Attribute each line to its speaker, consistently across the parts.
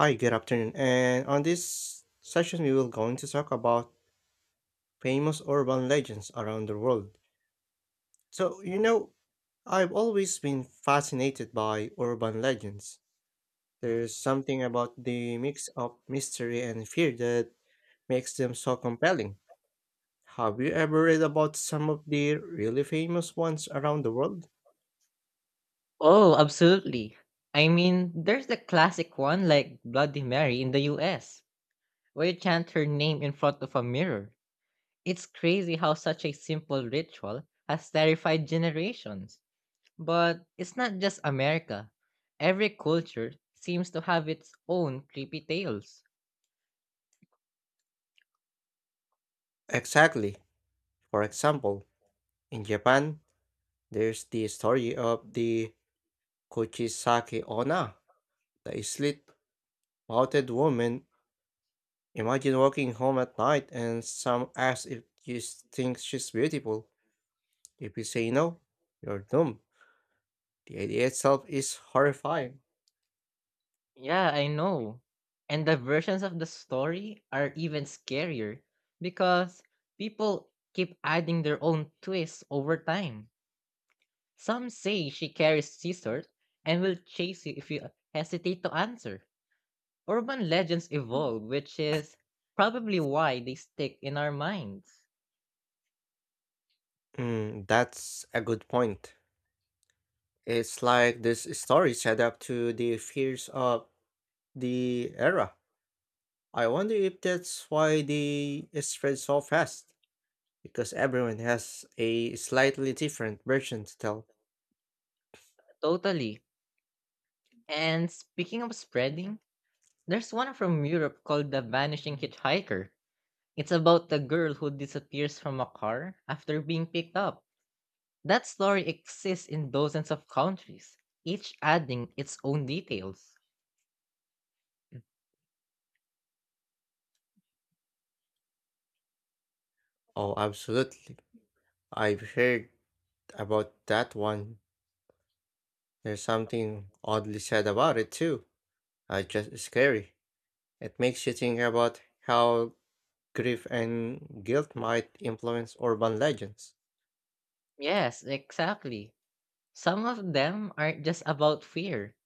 Speaker 1: Hi, good afternoon. And on this session, we will going to talk about famous urban legends around the world. So, you know, I've always been fascinated by urban legends. There's something about the mix of mystery and fear that makes them so compelling. Have you ever read about some of the really famous ones around the world?
Speaker 2: Oh, absolutely. I mean, there's the classic one like Bloody Mary in the US, where you chant her name in front of a mirror. It's crazy how such a simple ritual has terrified generations. But it's not just America. Every culture seems to have its own creepy tales.
Speaker 1: Exactly. For example, in Japan, there's the story of the Kuchisake Onna, the slit Mounted woman, imagine walking home at night and some asks if you s- think she's beautiful. If you say no, you're doomed. The idea itself is horrifying.
Speaker 2: Yeah, I know. And the versions of the story are even scarier because people keep adding their own twists over time. Some say she carries scissors and will chase you if you hesitate to answer. Urban legends evolve, which is probably why they stick in our minds.
Speaker 1: Mm, that's a good point. It's like this story set up to the fears of the era. I wonder if that's why they spread so fast, because everyone has a slightly different version to tell.
Speaker 2: Totally. And speaking of spreading, there's one from Europe called The Vanishing Hitchhiker. It's about the girl who disappears from a car after being picked up. That story exists in dozens of countries, each adding its own details.
Speaker 1: Oh, absolutely. I've heard about that one. There's something oddly sad about it too. Just scary. It makes you think about how grief and guilt might influence urban legends.
Speaker 2: Yes, exactly. Some of them aren't just about fear.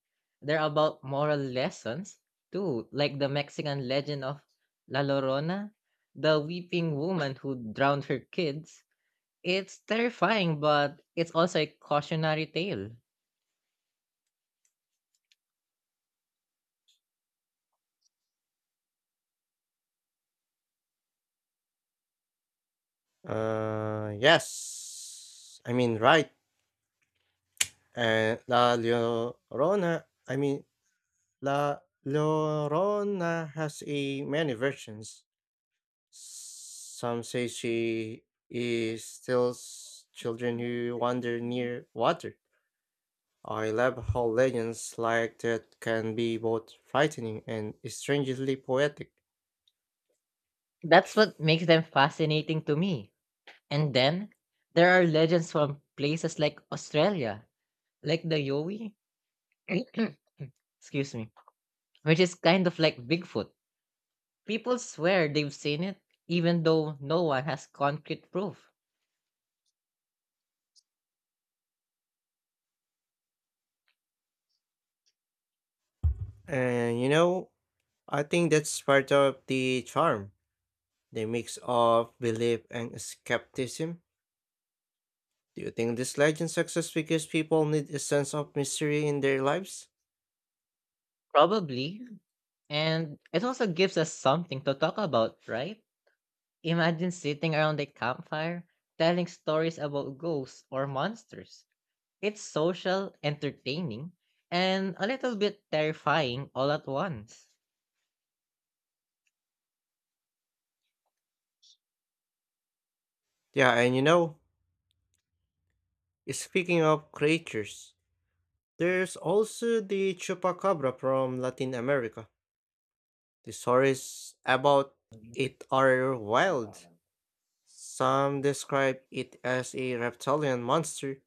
Speaker 2: They're about moral lessons too, like the Mexican legend of La Llorona, the weeping woman who drowned her kids. It's terrifying, but it's also a cautionary tale.
Speaker 1: Yes. I mean, right. La Llorona. I mean, La Llorona has a many versions. Some say she is still s- Children who wander near water. I love how legends like that can be both frightening and strangely poetic.
Speaker 2: That's what makes them fascinating to me. And then there are legends from places like Australia, like the Yowie, excuse me, which is kind of like Bigfoot. People swear they've seen it, even though no one has concrete proof.
Speaker 1: And you know, I think that's part of the charm, the mix of belief and skepticism. Do you think this legend success because people need a sense of mystery in their lives?
Speaker 2: Probably. And it also gives us something to talk about, right? Imagine sitting around a campfire telling stories about ghosts or monsters. It's social, entertaining, and a little bit terrifying all at once.
Speaker 1: Yeah, and you know, Speaking of creatures, there's also the chupacabra from Latin America. The stories about it are wild. Some describe it as a reptilian monster,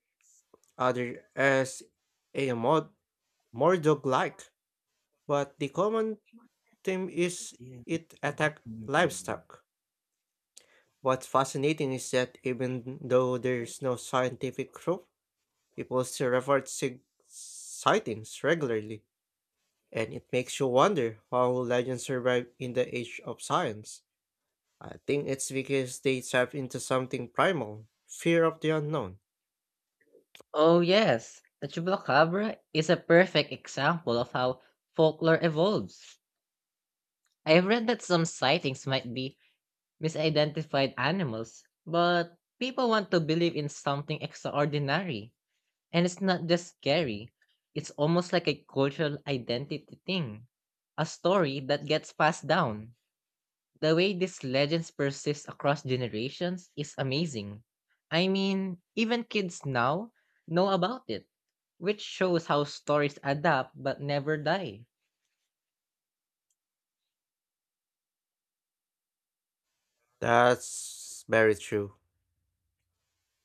Speaker 1: others as a mod- Mordog-like, but the common theme is it attack livestock. What's fascinating is that even though there's no scientific proof, people still report sightings regularly, and it makes you wonder how legends survive in the age of science. I think it's because they tap into something primal, fear of the unknown.
Speaker 2: Oh, yes, the Chupacabra is a perfect example of how folklore evolves. I've read that some sightings might be misidentified animals, but people want to believe in something extraordinary. And it's not just scary, it's almost like a cultural identity thing, a story that gets passed down. The way these legends persist across generations is amazing. I mean, even kids now know about it, which shows how stories adapt but never die.
Speaker 1: That's very true.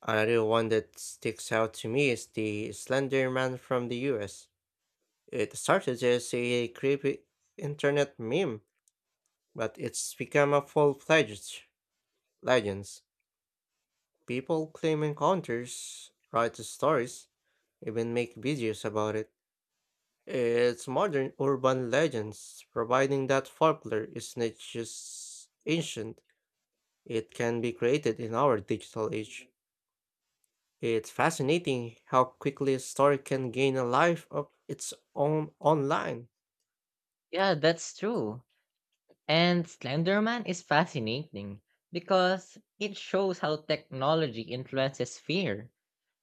Speaker 1: Another one that sticks out to me is the Slender Man from the US. It started as a creepy internet meme, but it's become a full fledged legend. People claim encounters, write stories, even make videos about it. It's modern urban legends, providing that folklore is not just ancient, it can be created in our digital age. It's fascinating how quickly a story can gain a life of its own online.
Speaker 2: Yeah, that's true. And Slenderman is fascinating because it shows how technology influences fear.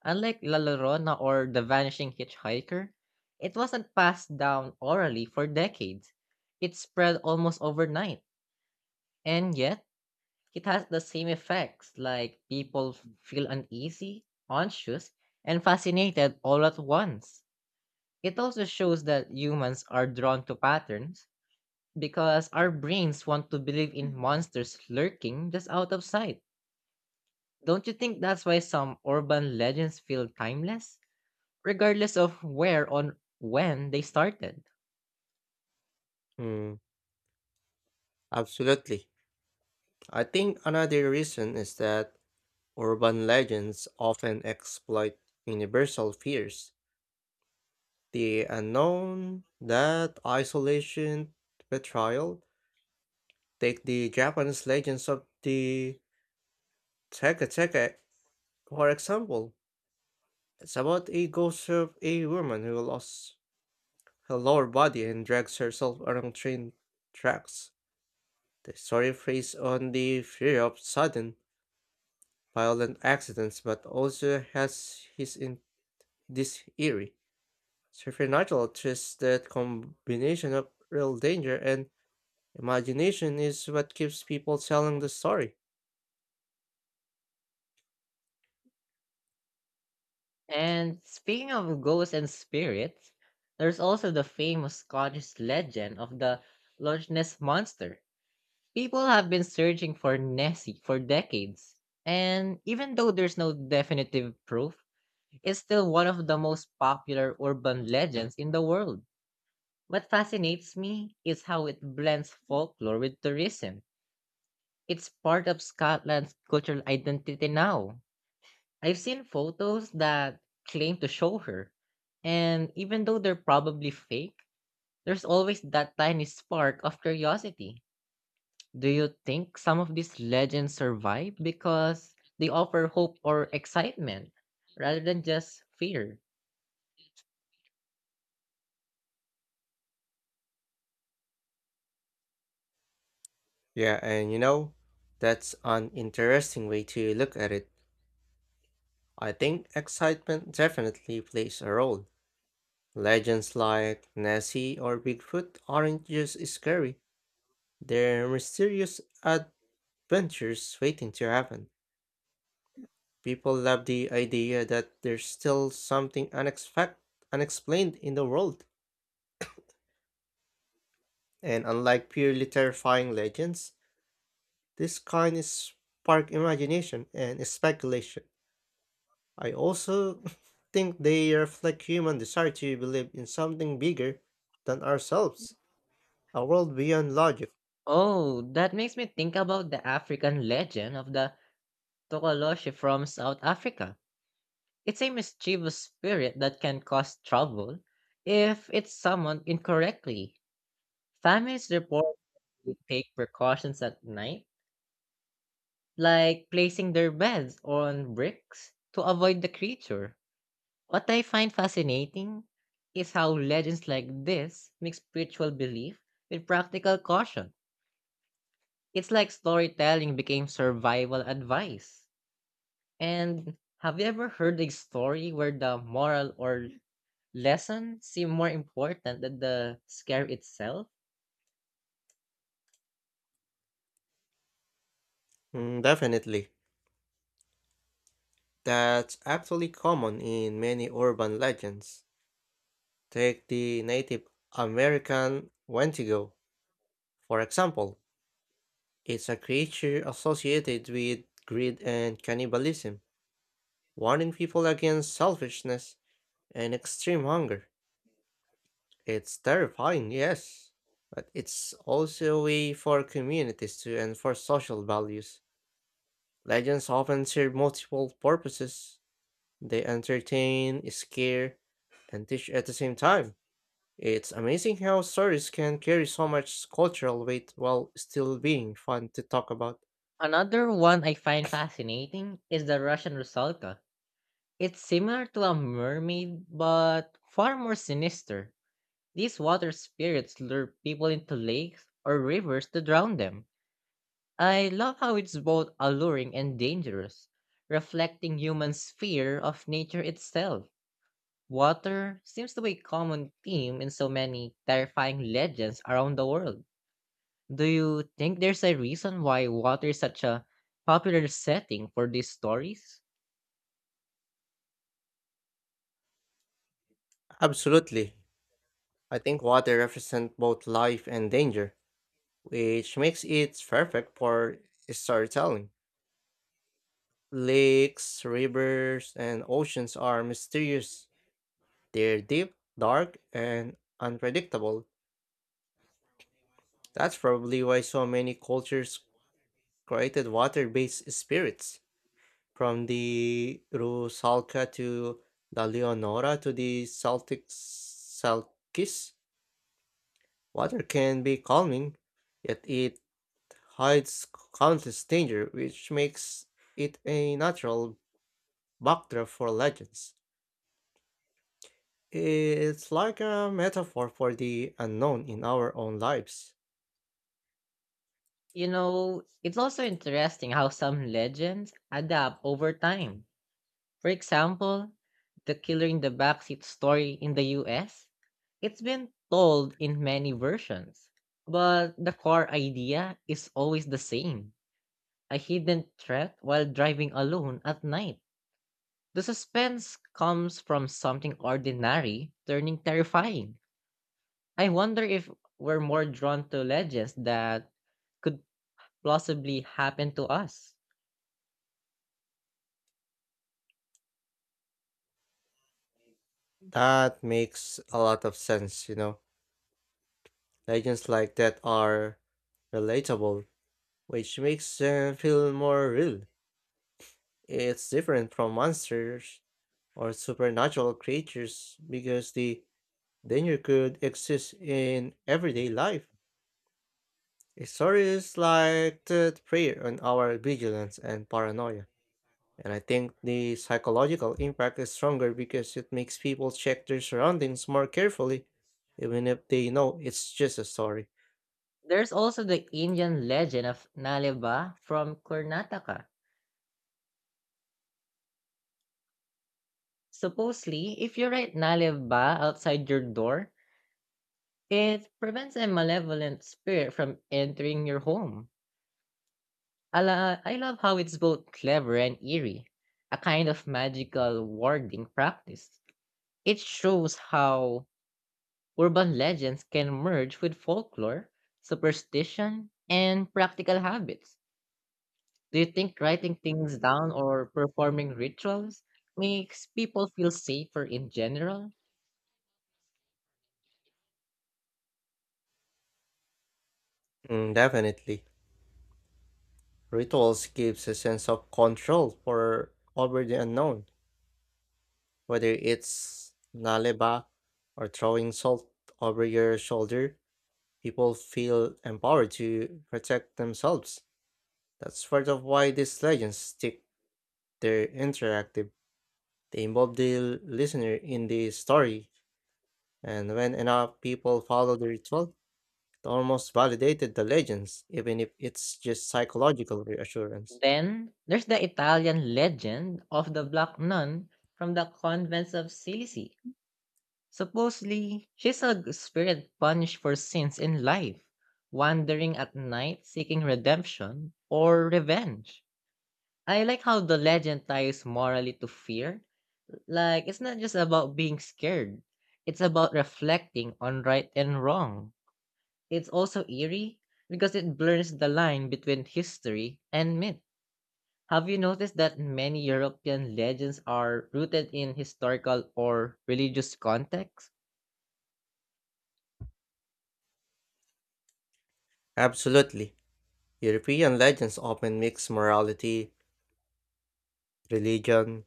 Speaker 2: Unlike La Llorona or The Vanishing Hitchhiker, it wasn't passed down orally for decades. It spread almost overnight, and yet it has the same effects like people feel uneasy, anxious, and fascinated all at once. It also shows that humans are drawn to patterns because our brains want to believe in monsters lurking just out of sight. Don't you think that's why some urban legends feel timeless, regardless of where on when they started?
Speaker 1: Hmm, Absolutely. I think another reason is that urban legends often exploit universal fears. The unknown, that isolation, betrayal. Take the Japanese legends of the Teka Teka, for example. It's about a ghost of a woman who lost her lower body and drags herself along train tracks. The story preys on the fear of sudden, violent accidents, but also has his in this eerie, supernatural twist that combination of real danger and imagination is what keeps people telling the story.
Speaker 2: And speaking of ghosts and spirits, there's also the famous Scottish legend of the Loch Ness monster. People have been searching for Nessie for decades, and even though there's no definitive proof, it's still one of the most popular urban legends in the world. What fascinates me is how it blends folklore with tourism. It's part of Scotland's cultural identity now. I've seen photos that claim to show her, and even though they're probably fake, there's always that tiny spark of curiosity. Do you think some of these legends survive because they offer hope or excitement rather than just fear?
Speaker 1: Yeah, and you know, that's an interesting way to look at it. I think excitement definitely plays a role. Legends like Nessie or Bigfoot aren't just scary, they're mysterious adventures waiting to happen. People love the idea that there's still something unexplained in the world. And unlike purely terrifying legends, this kind is spark imagination and speculation. I also think they reflect human desire to believe in something bigger than ourselves, a world beyond logic.
Speaker 2: Oh, that makes me think about the African legend of the Tokoloshe from South Africa. It's a mischievous spirit that can cause trouble if it's summoned incorrectly. Families report they take precautions at night, like placing their beds on bricks to avoid the creature. What I find fascinating is how legends like this mix spiritual belief with practical caution. It's like storytelling became survival advice. And have you ever heard a story where the moral or lessons seem more important than the scare itself?
Speaker 1: Mm, definitely. That's actually common in many urban legends. Take the Native American Wendigo, for example. It's a creature associated with greed and cannibalism, warning people against selfishness and extreme hunger. It's terrifying, yes, but it's also a way for communities to enforce social values. Legends often serve multiple purposes. They entertain, scare, and teach at the same time. It's amazing how stories can carry so much cultural weight while still being fun to talk about.
Speaker 2: Another one I find fascinating is the Russian Rusalka. It's similar to a mermaid, but far more sinister. These water spirits lure people into lakes or rivers to drown them. I love how it's both alluring and dangerous, reflecting humans' fear of nature itself. Water seems to be a common theme in so many terrifying legends around the world. Do you think there's a reason why water is such a popular setting for these stories?
Speaker 1: Absolutely. I think water represents both life and danger, which makes it perfect for storytelling. Lakes, rivers, and oceans are mysterious. They're deep, dark, and unpredictable. That's probably why so many cultures created water based spirits. From the Rusalka to the Leonora to the Celtic Salkis, water can be calming, yet it hides countless danger, which makes it a natural backdrop for legends. It's like a metaphor for the unknown in our own lives.
Speaker 2: You know, it's also interesting how some legends adapt over time. For example, the killer in the backseat story in the US, it's been told in many versions, but the core idea is always the same: a hidden threat while driving alone at night. The suspense comes from something ordinary turning terrifying. I wonder if we're more drawn to legends that could possibly happen to us.
Speaker 1: That makes a lot of sense. Legends like that are relatable, which makes them feel more real. It's different from monsters or supernatural creatures because the danger could exist in everyday life. Stories like that prey on our vigilance and paranoia. And I think the psychological impact is stronger because it makes people check their surroundings more carefully, even if they know it's just a story.
Speaker 2: There's also the Indian legend of Naleva from Karnataka. Supposedly, if you write Naleva outside your door, it prevents a malevolent spirit from entering your home. Ala, I love how it's both clever and eerie, a kind of magical warding practice. It shows how urban legends can merge with folklore, superstition, and practical habits. Do you think writing things down or performing rituals makes people feel safer in general?
Speaker 1: Mm, definitely. Rituals gives a sense of control for over the unknown. Whether it's naleba or throwing salt over your shoulder, people feel empowered to protect themselves. That's part of why these legends stick. They're interactive. They involve the listener in the story, and when enough people follow the ritual, it almost validated the legends, even if it's just psychological reassurance.
Speaker 2: Then, there's the Italian legend of the Black Nun from the convents of Assisi. Supposedly, she's a spirit punished for sins in life, wandering at night seeking redemption or revenge. I like how the legend ties morally to fear. Like, it's not just about being scared, it's about reflecting on right and wrong. It's also eerie because it blurs the line between history and myth. Have you noticed that many European legends are rooted in historical or religious contexts?
Speaker 1: Absolutely. European legends often mix morality, religion,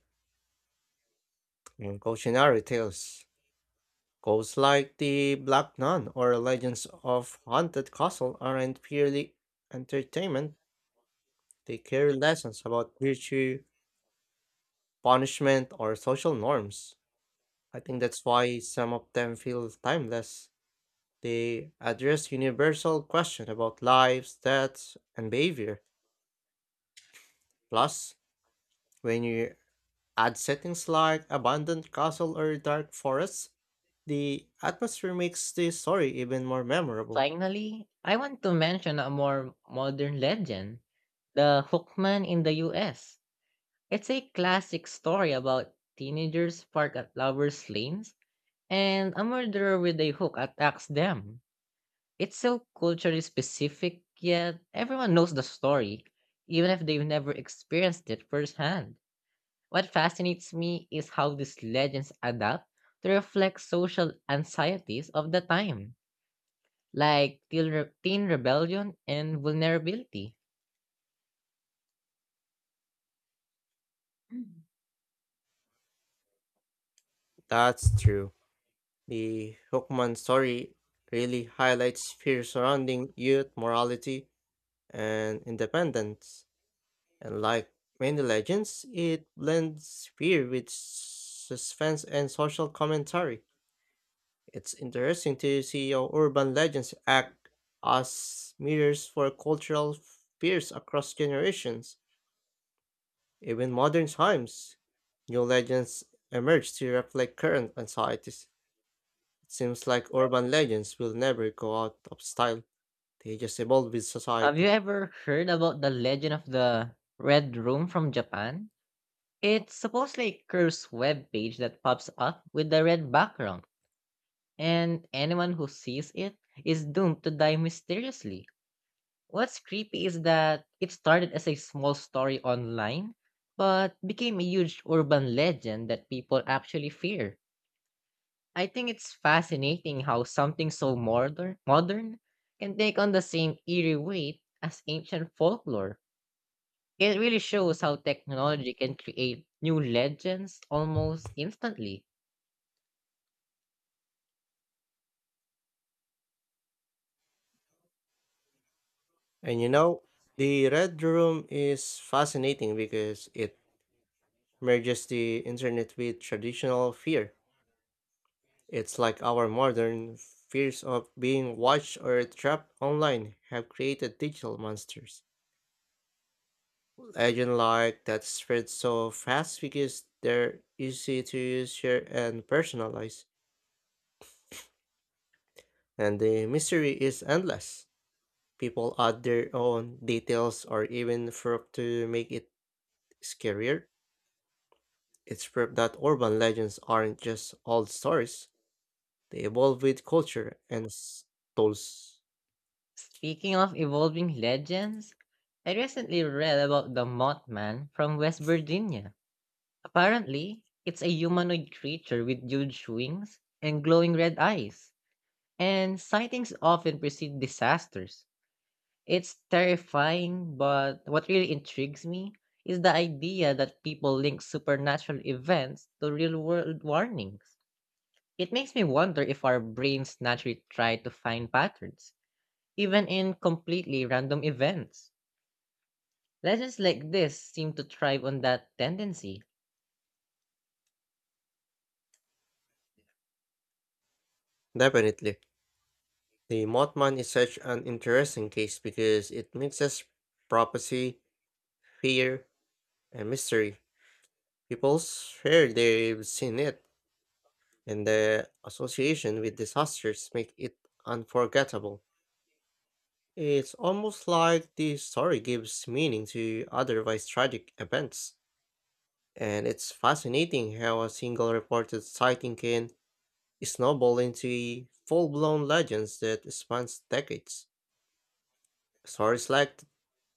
Speaker 1: and cautionary tales. Ghosts like the Black Nun or legends of haunted castle aren't purely entertainment. They carry lessons about virtue, punishment, or social norms. I think that's why some of them feel timeless. They address universal questions about lives, deaths, and behavior. Plus, when you add settings like abandoned castle or dark forests, the atmosphere makes the story even more memorable.
Speaker 2: Finally, I want to mention a more modern legend, the Hookman in the US. It's a classic story about teenagers parked at lovers' lanes. And a murderer with a hook attacks them. It's so culturally specific, yet everyone knows the story, even if they've never experienced it firsthand. What fascinates me is how these legends adapt to reflect social anxieties of the time, like teen rebellion and vulnerability. Mm.
Speaker 1: That's true. The Hookman story really highlights fear surrounding youth morality and independence. And like many legends, it blends fear with suspense and social commentary. It's interesting to see how urban legends act as mirrors for cultural fears across generations. Even modern times, new legends emerge to reflect current anxieties. It seems like urban legends will never go out of style, they just evolve with
Speaker 2: Have you
Speaker 1: society.
Speaker 2: ever heard about the legend of the Red Room from Japan? It's supposedly a cursed web page that pops up with the red background. And anyone who sees it is doomed to die mysteriously. What's creepy is that it started as a small story online, but became a huge urban legend that people actually fear. I think it's fascinating how something so modern can take on the same eerie weight as ancient folklore. It really shows how technology can create new legends almost instantly.
Speaker 1: And you know, the Red Room is fascinating because it merges the internet with traditional fear. It's like our modern fears of being watched or trapped online have created digital monsters. Legend like that spread so fast because they're easy to use, share, and personalize, and the mystery is endless. People add their own details or even fluff to make it scarier. It's proof that urban legends aren't just old stories; they evolve with culture and tools.
Speaker 2: Speaking of evolving legends, I recently read about the Mothman from West Virginia. Apparently, it's a humanoid creature with huge wings and glowing red eyes, and sightings often precede disasters. It's terrifying, but what really intrigues me is the idea that people link supernatural events to real world warnings. It makes me wonder if our brains naturally try to find patterns, even in completely random events. Legends like this seem to thrive on that tendency.
Speaker 1: Definitely. The Mothman is such an interesting case because it mixes prophecy, fear, and mystery. People swear they've seen it, and the association with disasters make it unforgettable. It's almost like the story gives meaning to otherwise tragic events, and it's fascinating how a single reported sighting can snowball into full-blown legends that spans decades. Stories like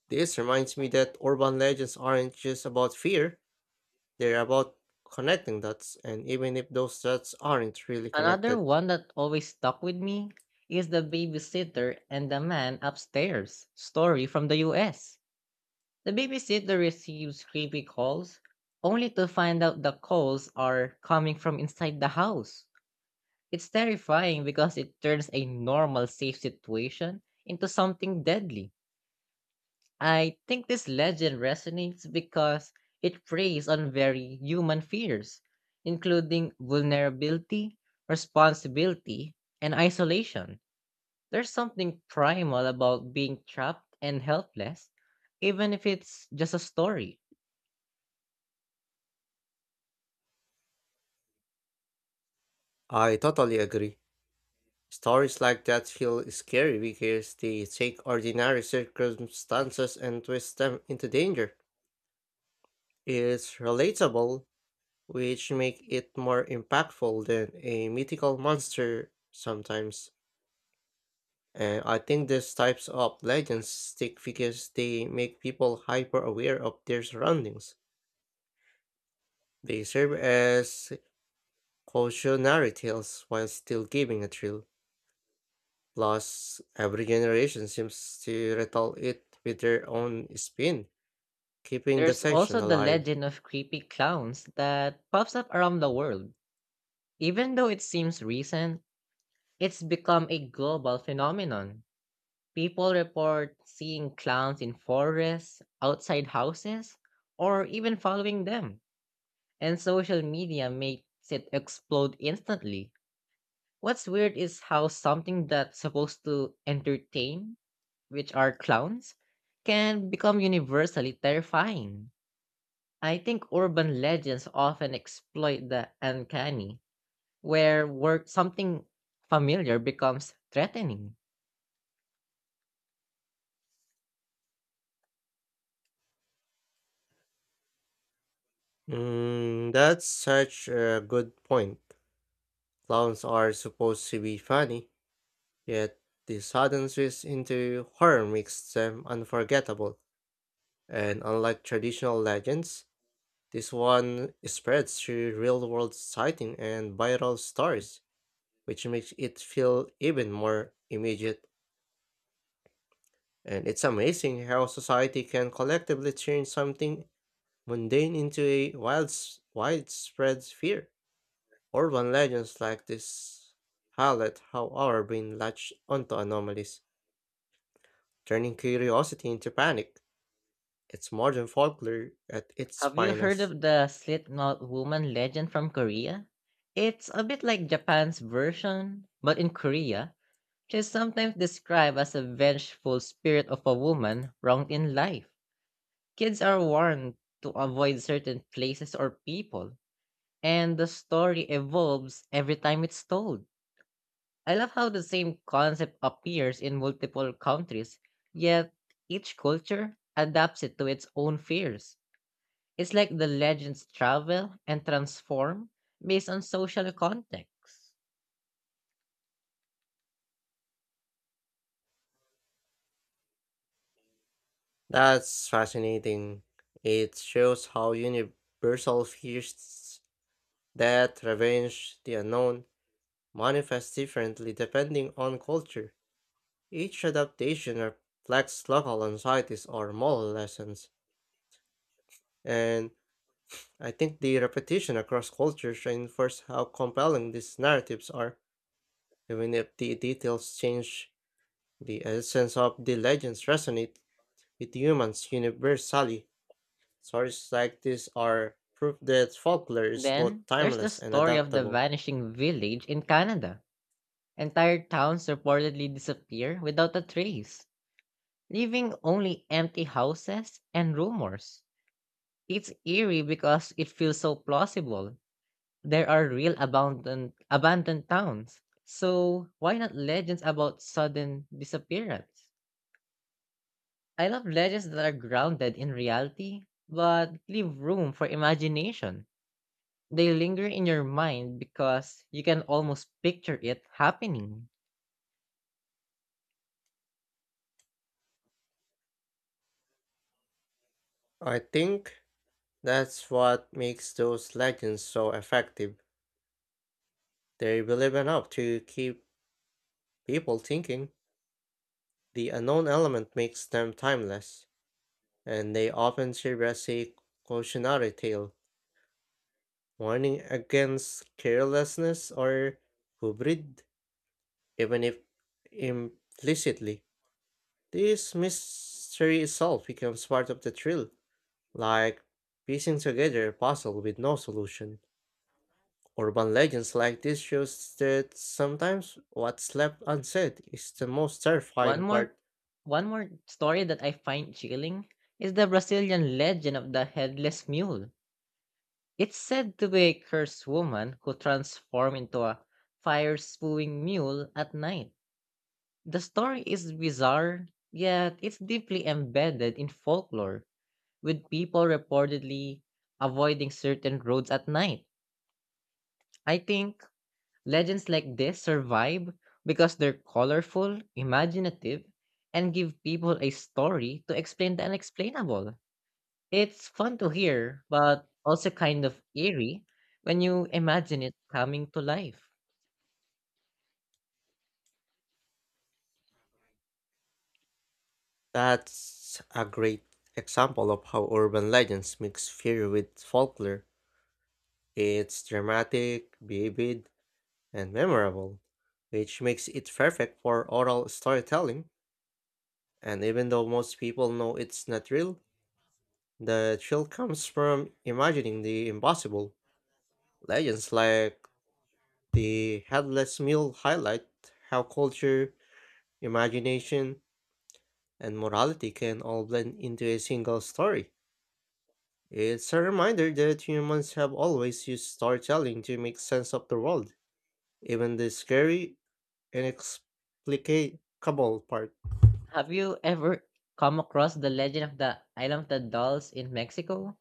Speaker 1: this reminds me that urban legends aren't just about fear, they're about connecting dots, and even if those dots aren't really
Speaker 2: Another
Speaker 1: connected.
Speaker 2: one that always stuck with me is the babysitter and the man upstairs story from the US. The babysitter receives creepy calls only to find out the calls are coming from inside the house. It's terrifying because it turns a normal safe situation into something deadly. I think this legend resonates because it preys on very human fears, including vulnerability, responsibility, and isolation. There's something primal about being trapped and helpless, even if it's just a story.
Speaker 1: I totally agree. Stories like that feel scary because they take ordinary circumstances and twist them into danger. It's relatable, which make it more impactful than a mythical monster sometimes. And I think these types of legends stick because they make people hyper aware of their surroundings. They serve as cautionary tales while still giving a thrill. Plus, every generation seems to retell it with their own spin, keeping the
Speaker 2: There's also
Speaker 1: tension
Speaker 2: the
Speaker 1: alive.
Speaker 2: legend of creepy clowns that pops up around the world. Even though it seems recent, it's become a global phenomenon. People report seeing clowns in forests, outside houses, or even following them. And social media makes it explode instantly. What's weird is how something that's supposed to entertain, which are clowns, can become universally terrifying. I think urban legends often exploit the uncanny, where something familiar becomes threatening.
Speaker 1: Mm, that's such a good point. Clowns are supposed to be funny, yet the sudden switch into horror makes them unforgettable. And unlike traditional legends, this one spreads through real-world sighting and viral stories which makes it feel even more immediate. And it's amazing how society can collectively turn something mundane into a wild, widespread fear. Urban legends like this highlight how our brain latch onto anomalies, turning curiosity into panic. It's modern folklore at its
Speaker 2: Have you heard
Speaker 1: finest.
Speaker 2: of the slit-mouth woman legend from Korea? It's a bit like Japan's version, but in Korea, she's sometimes described as a vengeful spirit of a woman wronged in life. Kids are warned to avoid certain places or people, and the story evolves every time it's told. I love how the same concept appears in multiple countries, yet each culture adapts it to its own fears. It's like the legends travel and transform based on social context.
Speaker 1: That's fascinating. It shows how universal fears that revenge the unknown manifest differently depending on culture. Each adaptation reflects local anxieties or moral lessons, and I think the repetition across cultures reinforces how compelling these narratives are. Even if the details change, the essence of the legends resonate with humans universally. Stories like this are proof that folklore is both
Speaker 2: Then, there's the
Speaker 1: timeless and
Speaker 2: story of the
Speaker 1: adaptable.
Speaker 2: vanishing village in Canada. Entire towns reportedly disappear without a trace, leaving only empty houses and rumors. It's eerie because it feels so plausible. There are real abandoned towns. So, why not legends about sudden disappearance? I love legends that are grounded in reality, but leave room for imagination. They linger in your mind because you can almost picture it happening.
Speaker 1: I think that's what makes those legends so effective. They believe enough to keep people thinking. The unknown element makes them timeless, and they often serve as a cautionary tale, warning against carelessness or hubrid, even if implicitly. This mystery itself becomes part of the thrill, like piecing together a puzzle with no solution. Urban legends like this shows that sometimes what's left unsaid is the most
Speaker 2: One
Speaker 1: terrifying
Speaker 2: more
Speaker 1: part.
Speaker 2: one more story that I find chilling is the Brazilian legend of the headless mule. It's said to be a cursed woman who transformed into a fire spewing mule at night. The story is bizarre, yet it's deeply embedded in folklore with people reportedly avoiding certain roads at night. I think legends like this survive because they're colorful, imaginative, and give people a story to explain the unexplainable. It's fun to hear, but also kind of eerie when you imagine it coming to life.
Speaker 1: That's a great example of how urban legends mix fear with folklore. It's dramatic, vivid, and memorable, which makes it perfect for oral storytelling. And even though most people know it's not real, the thrill comes from imagining the impossible. Legends like the headless mule highlight how culture, imagination, and morality can all blend into a single story. It's a reminder that humans have always used storytelling to make sense of the world, even the scary, inexplicable part.
Speaker 2: Have you ever come across the legend of the Island of the Dolls in Mexico?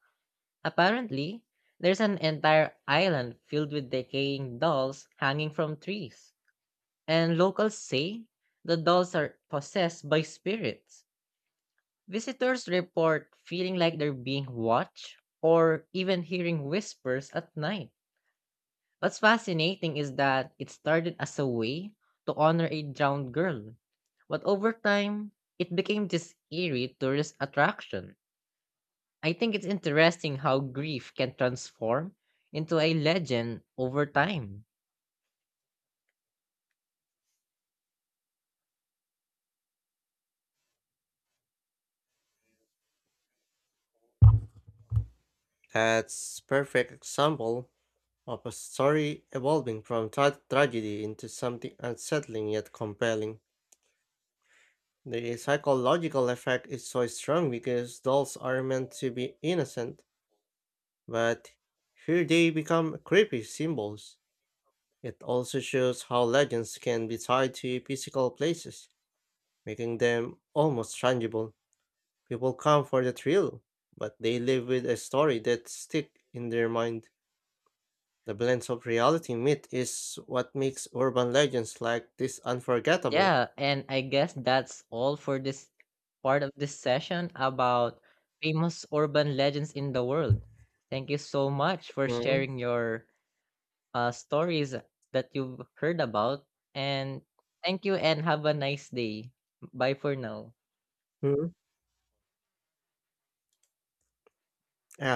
Speaker 2: Apparently, there's an entire island filled with decaying dolls hanging from trees, and locals say the dolls are possessed by spirits. Visitors report feeling like they're being watched or even hearing whispers at night. What's fascinating is that it started as a way to honor a drowned girl, but over time, it became this eerie tourist attraction. I think it's interesting how grief can transform into a legend over time.
Speaker 1: That's perfect example of a story evolving from tragedy into something unsettling yet compelling. The psychological effect is so strong because dolls are meant to be innocent, but here they become creepy symbols. It also shows how legends can be tied to physical places making them almost tangible. People come for the thrill, but they live with a story that stick in their mind. The blend of reality and myth is what makes urban legends like this unforgettable.
Speaker 2: Yeah, and I guess that's all for this part of this session about famous urban legends in the world. Thank you so much for
Speaker 1: Mhm.
Speaker 2: sharing your stories that you've heard about. And thank you and have a nice day. Bye for now.
Speaker 1: Mhm. Ah,